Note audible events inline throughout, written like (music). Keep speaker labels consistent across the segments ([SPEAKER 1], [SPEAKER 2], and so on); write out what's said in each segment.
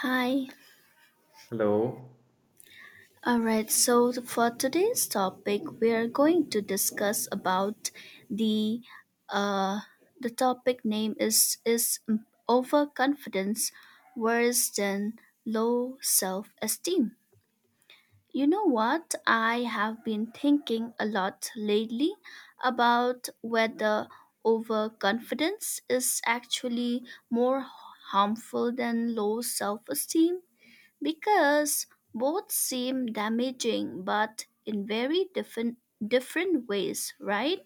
[SPEAKER 1] Hi.
[SPEAKER 2] Hello.
[SPEAKER 1] All right. So for today's topic, we are going to discuss about the uh the topic name is overconfidence worse than low self-esteem. You know what? I have been thinking a lot lately about whether overconfidence is actually more harmful than low self-esteem because both seem damaging but in very different ways, right?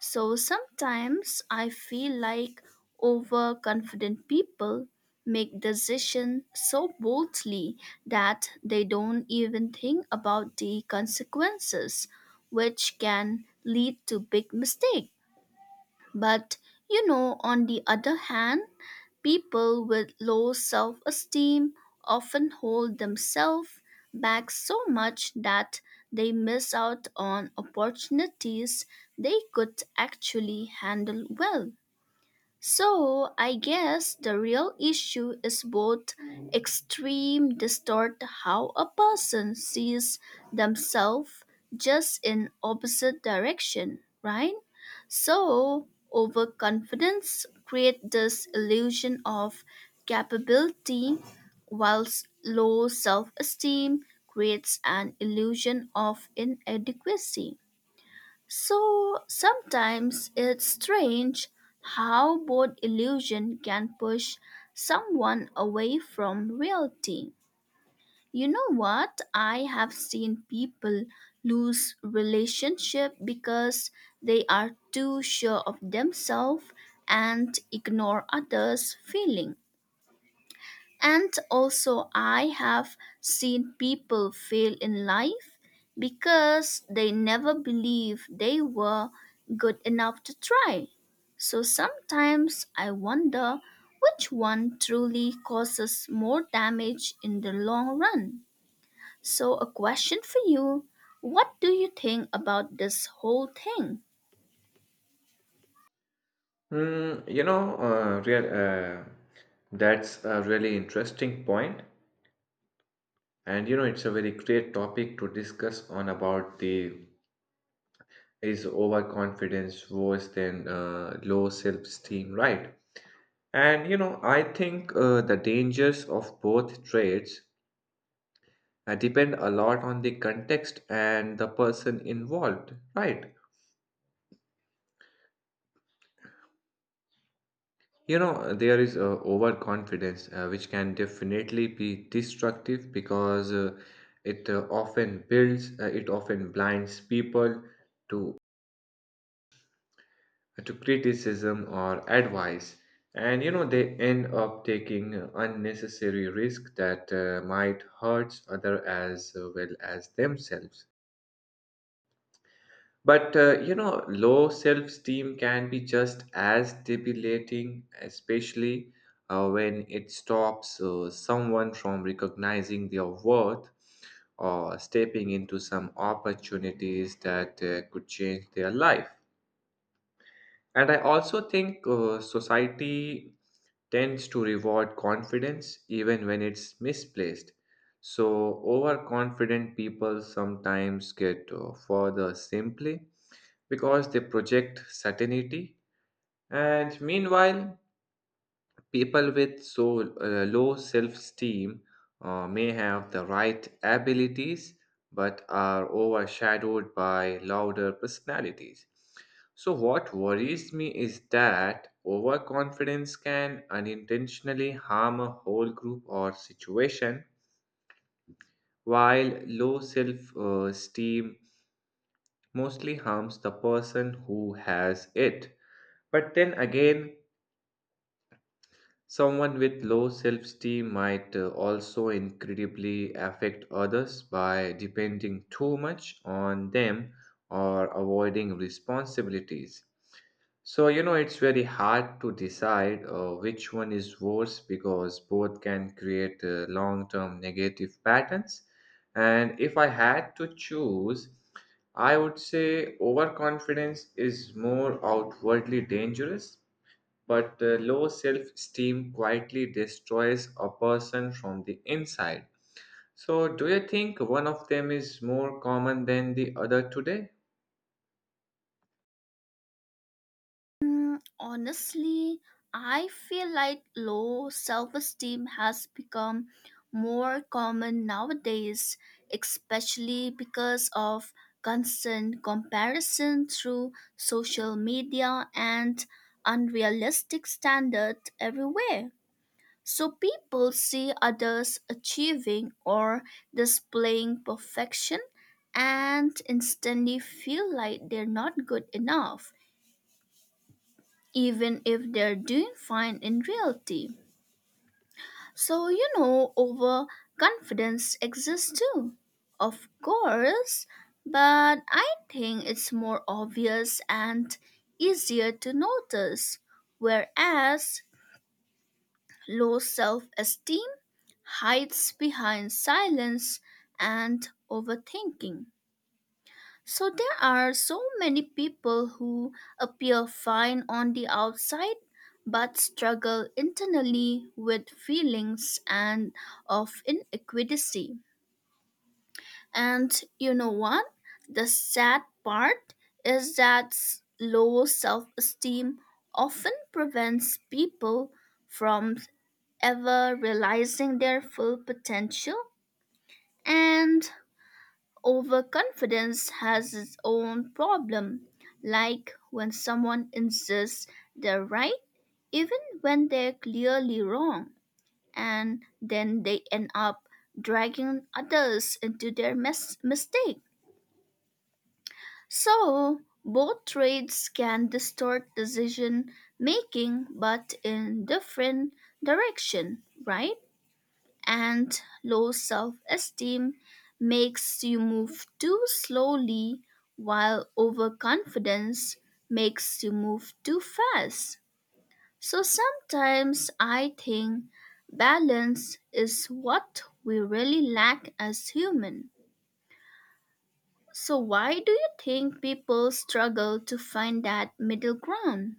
[SPEAKER 1] So sometimes I feel like overconfident people make decisions so boldly that they don't even think about the consequences, which can lead to big mistakes. But, you know, on the other hand, people with low self esteem often hold themselves back so much that they miss out on opportunities they could actually handle well. So I guess the real issue is both extreme distort how a person sees themselves just in opposite direction, right? So overconfidence create this illusion of capability whilst low self-esteem creates an illusion of inadequacy. So sometimes it's strange how both illusion can push someone away from reality. You know what? I have seen people lose relationship because they are too sure of themselves and ignore others' feeling. And also, I have seen people fail in life because they never believed they were good enough to try. So sometimes I wonder which one truly causes more damage in the long run. So, a question for you. What do you think about this whole thing?
[SPEAKER 2] Mm, you know, uh, real, uh, that's a really interesting point, and it's a very great topic to discuss on about the is overconfidence worse than low self-esteem, right? And I think the dangers of both traits depend a lot on the context and the person involved, right? There is overconfidence, which can definitely be destructive because it often blinds people to to criticism or advice, and you know they end up taking unnecessary risk that might hurt other as well as themselves. But low self esteem can be just as debilitating, especially when it stops someone from recognizing their worth or stepping into some opportunities that could change their life. And I also think society tends to reward confidence even when it's misplaced. So, overconfident people sometimes get further simply because they project certainty. And meanwhile, people with low self esteem may have the right abilities but are overshadowed by louder personalities. So, what worries me is that overconfidence can unintentionally harm a whole group or situation, while low self esteem mostly harms the person who has it. But then again, someone with low self esteem might also incredibly affect others by depending too much on them or avoiding responsibilities. So, it's very hard to decide which one is worse because both can create long term negative patterns. And if I had to choose, I would say overconfidence is more outwardly dangerous but low self esteem quietly destroys a person from the inside. So, do you think one of them is more common than the other today?
[SPEAKER 1] Mm, honestly, I feel like low self esteem has become more common nowadays, especially because of constant comparison through social media and unrealistic standards everywhere. So people see others achieving or displaying perfection and instantly feel like they're not good enough even if they're doing fine in reality. So, you know, overconfidence exists too. Of course, but I think it's more obvious and easier to notice, whereas low self esteem hides behind silence and overthinking. So there are so many people who appear fine on the outside but struggle internally with feelings and of inequity. And you know what? The sad part is that low self-esteem often prevents people from ever realizing their full potential. And overconfidence has its own problem, like when someone insists they're right, even when they're clearly wrong, and then they end up dragging others into their mistake. So, both traits can distort decision making but in different direction, right? And low self esteem makes you move too slowly, while overconfidence makes you move too fast. So sometimes I think balance is what we really lack as human. So why do you think people struggle to find that middle ground?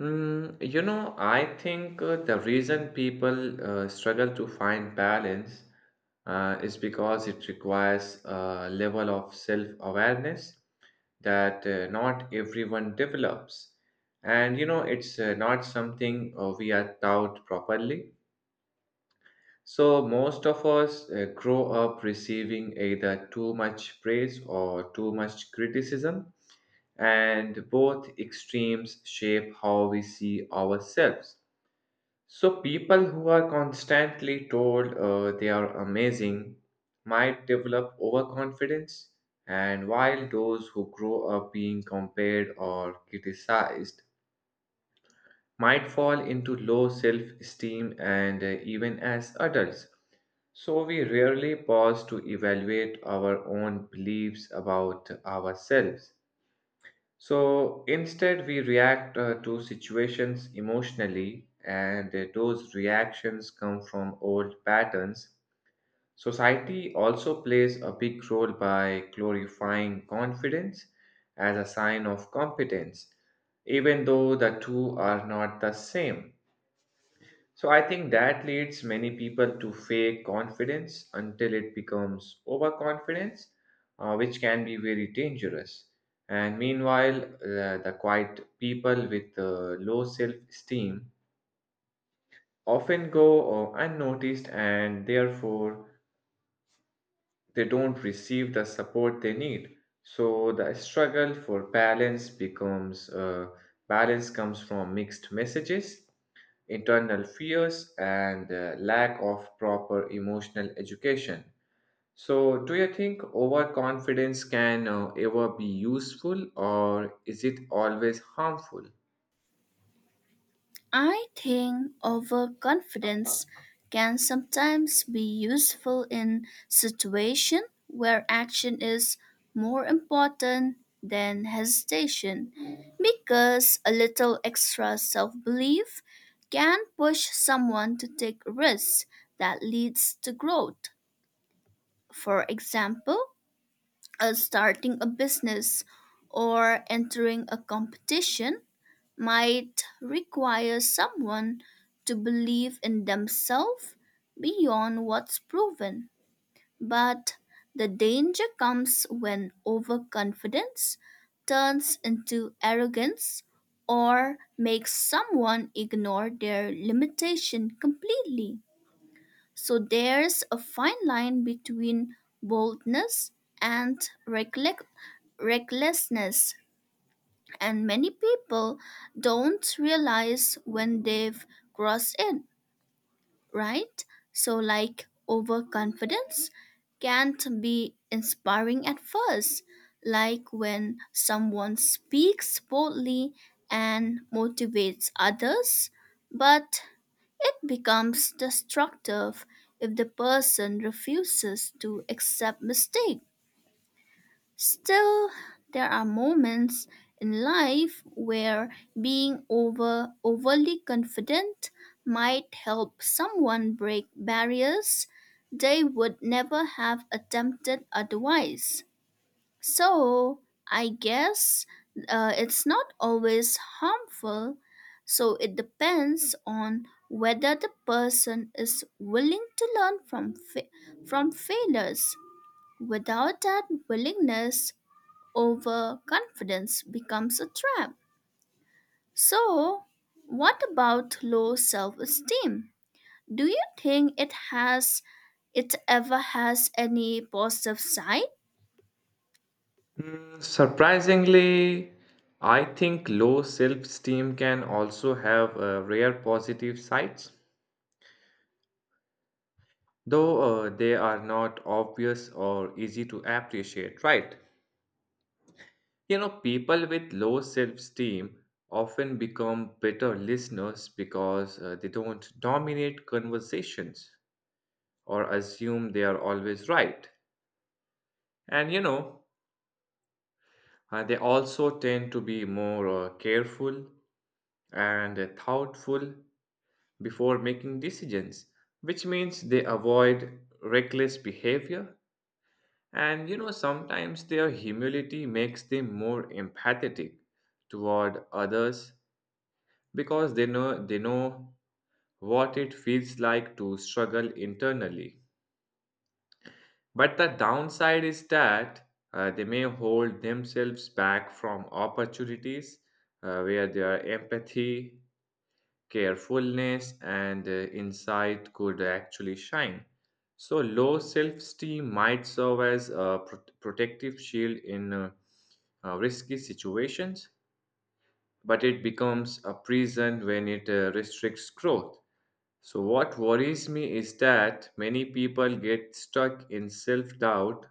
[SPEAKER 2] I think the reason people struggle to find balance is because it requires a level of self-awareness that not everyone develops. And it's not something we are taught properly. So, most of us grow up receiving either too much praise or too much criticism, and both extremes shape how we see ourselves. So, people who are constantly told they are amazing might develop overconfidence, and while those who grow up being compared or criticized might fall into low self esteem and even as adults. So we rarely pause to evaluate our own beliefs about ourselves. So instead, we react to situations emotionally, and those reactions come from old patterns. Society also plays a big role by glorifying confidence as a sign of competence, even though the two are not the same. So I think that leads many people to fake confidence until it becomes overconfidence, which can be very dangerous. And meanwhile, the quiet people with low self esteem often go unnoticed and therefore they don't receive the support they need. So the struggle for balance becomes balance comes from mixed messages, internal fears, and lack of proper emotional education. So, do you think overconfidence can ever be useful, or is it always harmful?
[SPEAKER 1] I think overconfidence can sometimes be useful in situations where action is more important than hesitation because a little extra self-belief can push someone to take risks that leads to growth. For example, starting a business or entering a competition might require someone to believe in themselves beyond what's proven. But the danger comes when overconfidence turns into arrogance or makes someone ignore their limitation completely. So there's a fine line between boldness and recklec- recklessness, and many people don't realize when they've crossed it, right? So, like, overconfidence can't be inspiring at first, like when someone speaks boldly and motivates others, but it becomes destructive if the person refuses to accept mistakes. Still, there are moments in life where being overly confident might help someone break barriers they would never have attempted otherwise. So, I guess it's not always harmful, so it depends on whether the person is willing to learn from from failures. Without that willingness, overconfidence becomes a trap. So, what about low self esteem? Do you think it ever has any positive side?
[SPEAKER 2] Surprisingly, I think low self-esteem can also have rare positive sides, though they are not obvious or easy to appreciate, right? You know, people with low self esteem often become better listeners because they don't dominate conversations or assume they are always right. And they also tend to be more careful and thoughtful before making decisions, which means they avoid reckless behavior. And sometimes their humility makes them more empathetic toward others because they know what it feels like to struggle internally. But the downside is that they may hold themselves back from opportunities where their empathy, carefulness, and insight could actually shine. So, low self esteem might serve as a protective shield in risky situations, but it becomes a prison when it restricts growth. So, what worries me is that many people get stuck in self doubt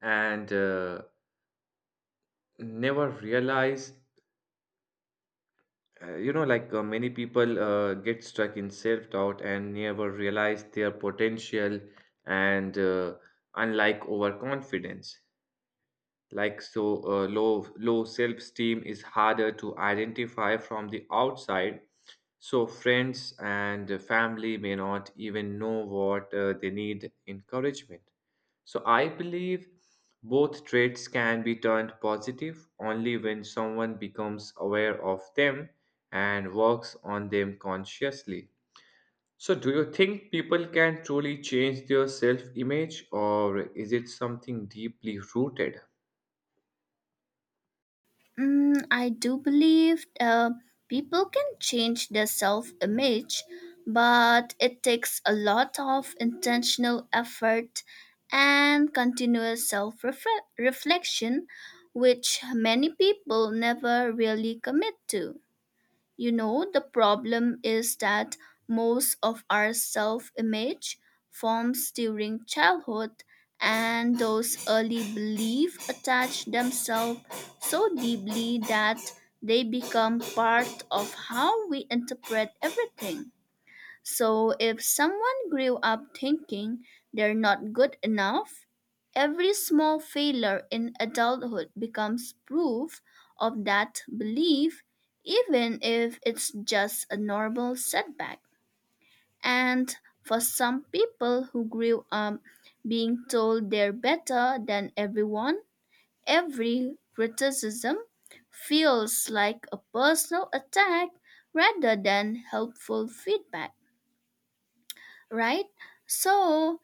[SPEAKER 2] and never realize you know, like many people get stuck in self-doubt and never realize their potential, and unlike overconfidence, low self-esteem is harder to identify from the outside, so friends and the family may not even know what they need encouragement. So I believe both traits can be turned positive only when someone becomes aware of them and works on them consciously. So do you think people can truly change their self-image, or is it something deeply rooted?
[SPEAKER 1] Mm, I do believe people can change their self image, but it takes a lot of intentional effort and continuous self reflection, which many people never really commit to. You know, the problem is that most of our self image forms during childhood, and those early beliefs attach themselves so deeply that they become part of how we interpret everything. So if someone grew up thinking they're not good enough, every small failure in adulthood becomes proof of that belief, even if it's just a normal setback. And for some people who grew up being told they're better than everyone, every criticism feels like a personal attack rather than helpful feedback, right? So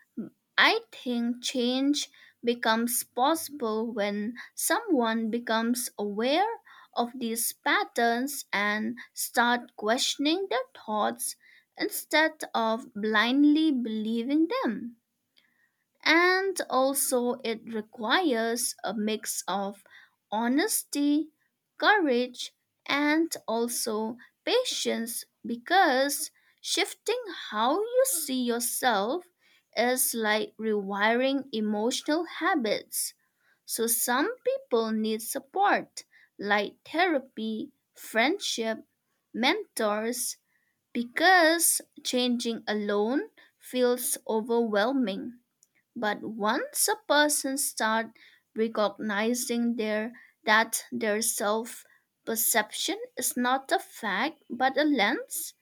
[SPEAKER 1] I think change becomes possible when someone becomes aware of these patterns and start questioning their thoughts instead of blindly believing them. And also, it requires a mix of honesty, courage, and also patience because shifting how you see yourself is like rewiring emotional habits. So, some people need support like therapy, friendship, mentors because changing alone feels overwhelming. But once a person start recognizing their that their self perception is not a fact but a lens,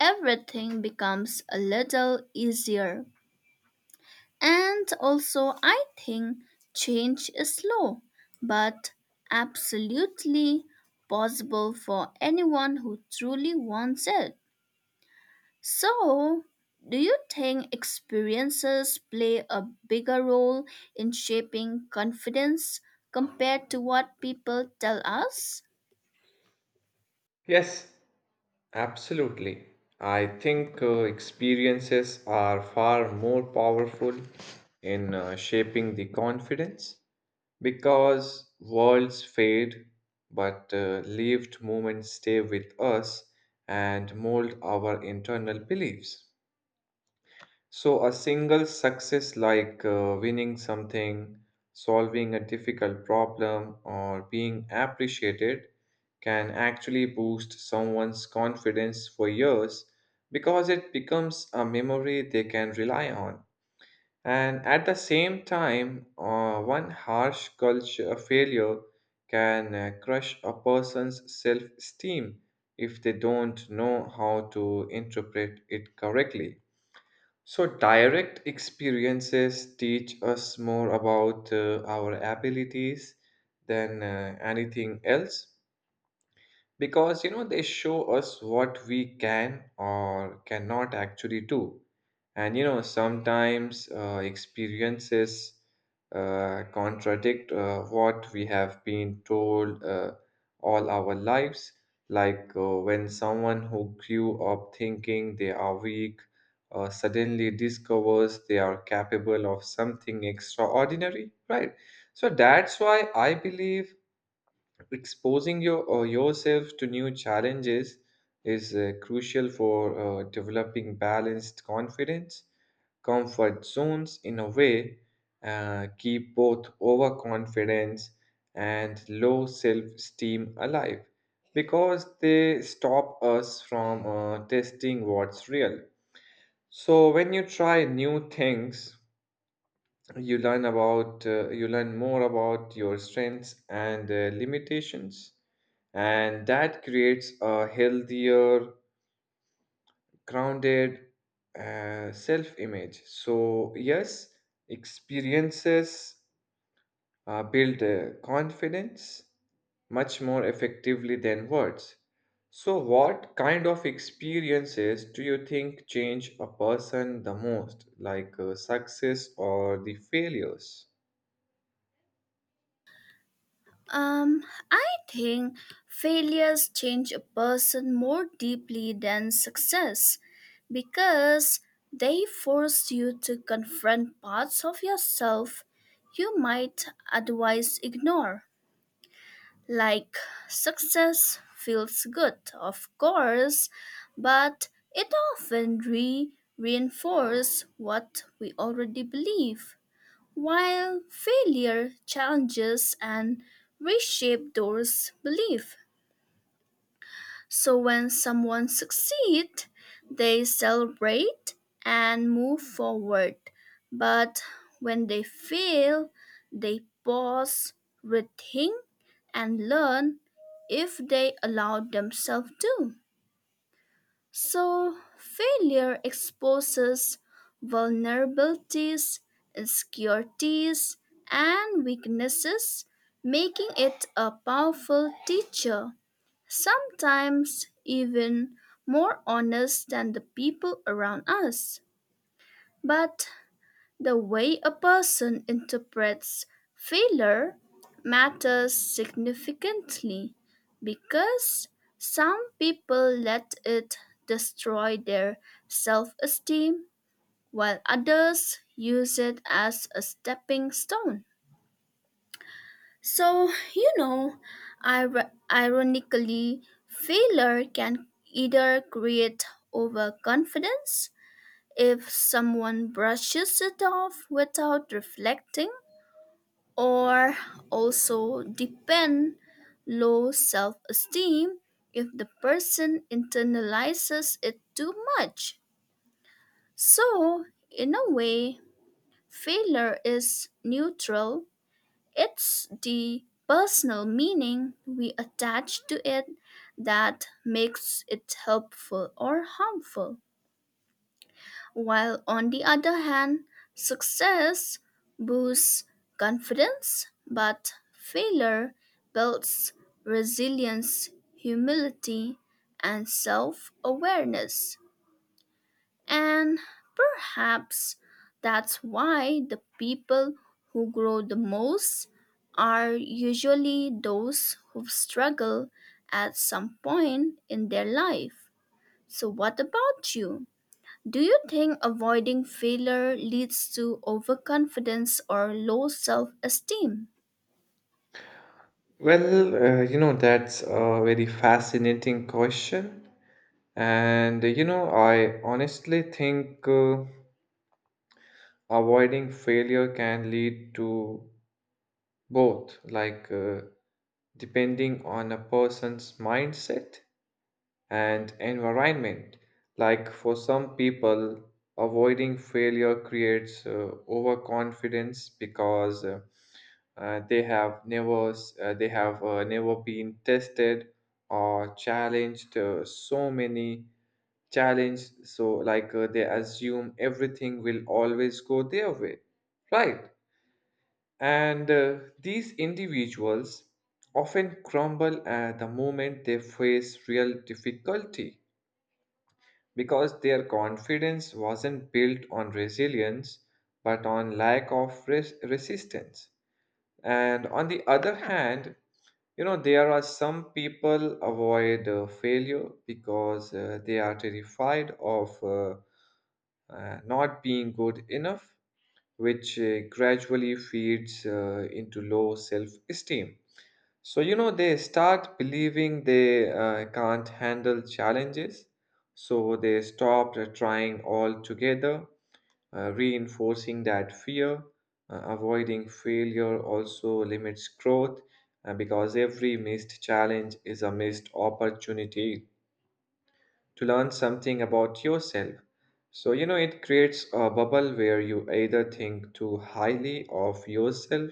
[SPEAKER 1] everything becomes a little easier. And also I think change is slow but absolutely possible for anyone who truly wants it. So, do you think experiences play a bigger role in shaping confidence compared to what people tell us?
[SPEAKER 2] Yes, absolutely. I think experiences are far more powerful in shaping the confidence because worlds fade, but lived moments stay with us and mold our internal beliefs. So, a single success like winning something, solving a difficult problem, or being appreciated can actually boost someone's confidence for years because it becomes a memory they can rely on. And at the same time, one harsh culture failure can crush a person's self esteem if they don't know how to interpret it correctly. So, direct experiences teach us more about our abilities than anything else because you know they show us what we can or cannot actually do. And you know sometimes experiences contradict what we have been told all our lives, like when someone who grew up thinking they are weak suddenly discovers they are capable of something extraordinary, right? So that's why I believe exposing yourself to new challenges is crucial for developing balanced confidence. Comfort zones in a way, keep both overconfidence and low self-esteem alive because they stop us from testing what's real. So when you try new things, you learn more about your strengths and limitations, and that creates a healthier, grounded, self image. So yes, experiences build confidence much more effectively than words. So what kind of experiences do you think change a person the most, like success or the failures?
[SPEAKER 1] Um, I think failures change a person more deeply than success because they force you to confront parts of yourself you might otherwise ignore. Like, success feels good, of course, but it often re reinforces what we already believe, while failure challenges and reshapes those beliefs. So when someone succeeds, they celebrate and move forward. But when they fail, they pause, rethink, and learn if they allow themselves to. So failure exposes vulnerabilities, insecurities, and weaknesses, making it a powerful teacher, sometimes even more honest than the people around us. But the way a person interprets failure matters significantly because some people let it destroy their self esteem while others use it as a stepping stone. So, you know, ironically, failure can either create overconfidence if someone brushes it off without reflecting, or also depend low self esteem if the person internalizes it too much. So, in a way, failure is neutral, it's the personal meaning we attach to it that makes it helpful or harmful. While on the other hand, success boosts confidence, but failure builds resilience, humility, and self awareness. And perhaps that's why the people who grow the most are usually those who struggle at some point in their life. So, what about you? Do you think avoiding failure leads to overconfidence or low self esteem?
[SPEAKER 2] That's a very fascinating question. And, I honestly think avoiding failure can lead to both, depending on a person's mindset and environment. Like, for some people, avoiding failure creates overconfidence because they have never been tested or challenged, so they assume everything will always go their way, right? And these individuals often crumble at the moment they face real difficulty because their confidence wasn't built on resilience but on lack of resistance. And on the other hand, there are some people avoid failure because they are terrified of not being good enough, which gradually feeds into low self-esteem. So, they start believing they can't handle challenges, so they stop trying altogether, reinforcing that fear. Avoiding failure also limits growth because every missed challenge is a missed opportunity to learn something about yourself. So, it creates a bubble where you either think too highly of yourself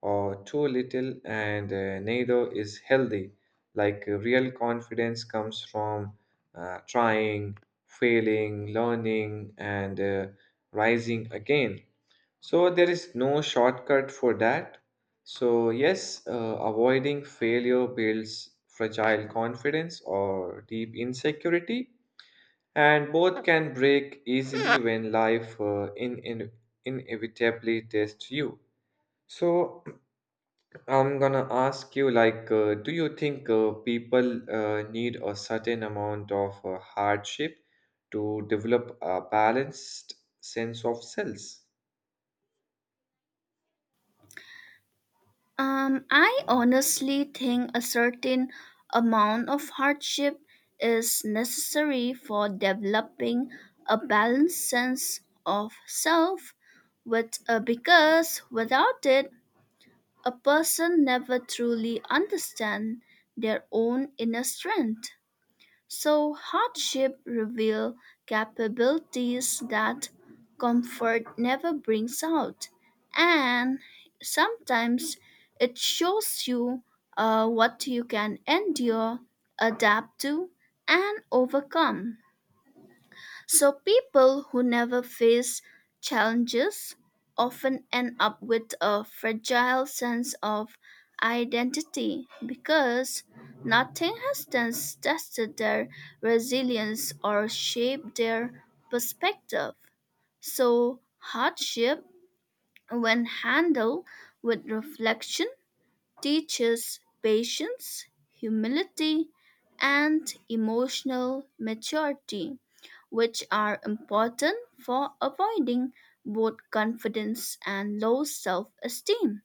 [SPEAKER 2] or too little, and neither is healthy. Like, real confidence comes from trying, failing, learning, and rising again. So, there is no shortcut for that. So, yes, avoiding failure builds fragile confidence or deep insecurity, and both can break easily when life inevitably tests you. So (clears throat) I'm gonna ask you, like, do you think people need a certain amount of hardship to develop a balanced sense of selves?
[SPEAKER 1] I honestly think a certain amount of hardship is necessary for developing a balanced sense of self, because without it, a person never truly understands their own inner strength. So hardship reveal capabilities that comfort never brings out. And sometimes it shows you what you can endure, adapt to, and overcome. So people who never face challenges often end up with a fragile sense of identity because nothing has thus tested their resilience or shaped their perspective. So hardship, when handled with reflection, teaches patience, humility, and emotional maturity, which are important for avoiding both confidence and low self esteem.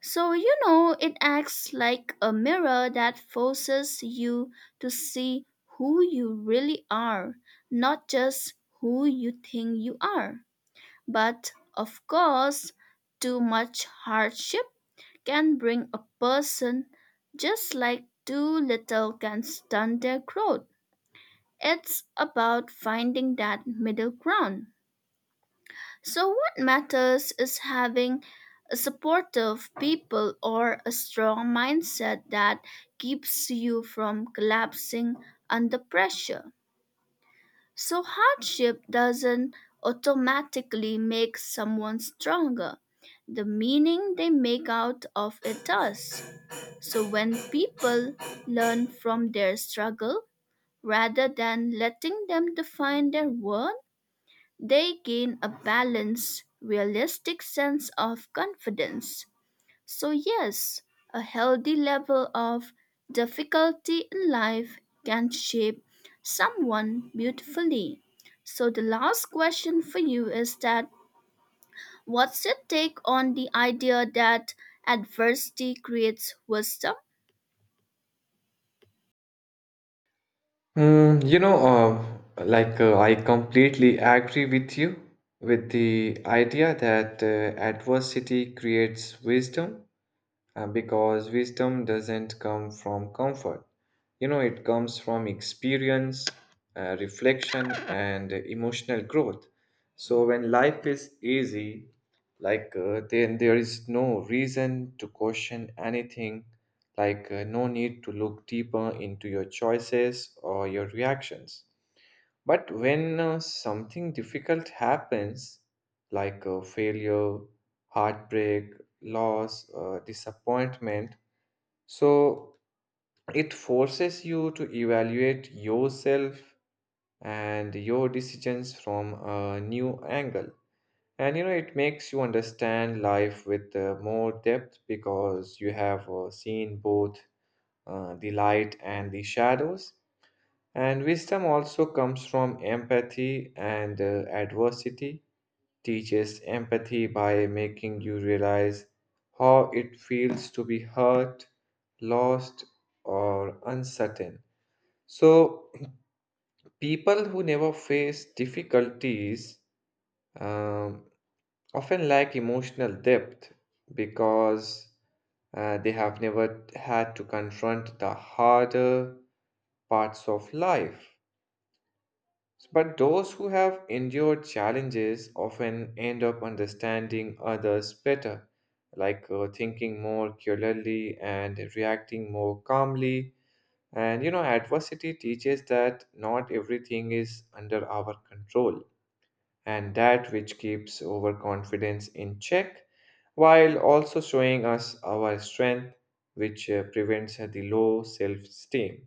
[SPEAKER 1] So, you know, it acts like a mirror that forces you to see who you really are, not just who you think you are. But of course, too much hardship can bring a person just like too little can stunt their growth. It's about finding that middle ground. So, what matters is having a supportive people or a strong mindset that keeps you from collapsing under pressure. So, hardship doesn't automatically make someone stronger, the meaning they make out of it does. So when people learn from their struggle rather than letting them define their worth, they gain a balanced, realistic sense of confidence. So, yes, a healthy level of difficulty in life can shape someone beautifully. So, the last question for you is that what's your take on the idea that adversity creates wisdom?
[SPEAKER 2] Mm, you know, I completely agree with you with the idea that adversity creates wisdom. Because wisdom doesn't come from comfort. You know, it comes from experience, reflection, and emotional growth. So when life is easy, then there is no reason to question anything, no need to look deeper into your choices or your reactions. But when something difficult happens, like a failure, heartbreak, loss, disappointment, so it forces you to evaluate yourself and your decisions from a new angle. And you know, it makes you understand life with more depth because you have seen both the light and the shadows. And wisdom also comes from empathy, and adversity teaches empathy by making you realize how it feels to be hurt, lost, or uncertain. So, (clears throat) people who never face difficulties um, often lack emotional depth because they have never had to confront the harder parts of life. But those who have endured challenges often end up understanding others better, like thinking more clearly and reacting more calmly. And you know, adversity teaches that not everything is under our control, and that which keeps overconfidence in check, while also showing us our strength, which prevents the low self esteem.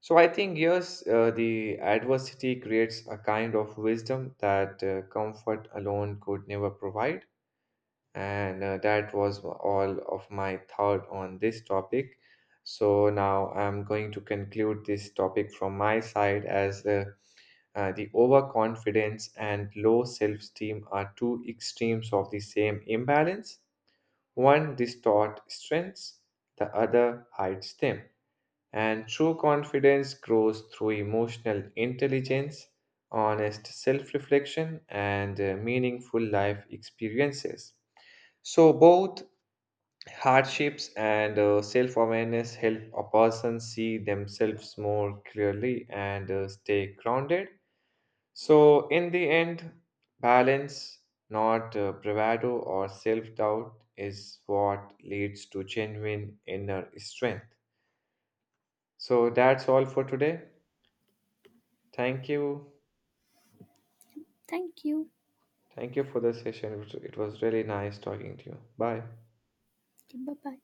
[SPEAKER 2] So I think yes, the adversity creates a kind of wisdom that comfort alone could never provide, and that was all of my thought on this topic. So now I'm going to conclude this topic from my side as the overconfidence and low self-esteem are two extremes of the same imbalance. One distort strengths, the other hides them. And true confidence grows through emotional intelligence, honest self reflection, and meaningful life experiences. So, both hardships and self awareness help a person see themselves more clearly and stay grounded. So, in the end, balance, not bravado or self doubt, is what leads to genuine inner strength. So, that's all for today. Thank you.
[SPEAKER 1] Thank you.
[SPEAKER 2] Thank you for the session. It was really nice talking to you. Bye.
[SPEAKER 1] Bye bye.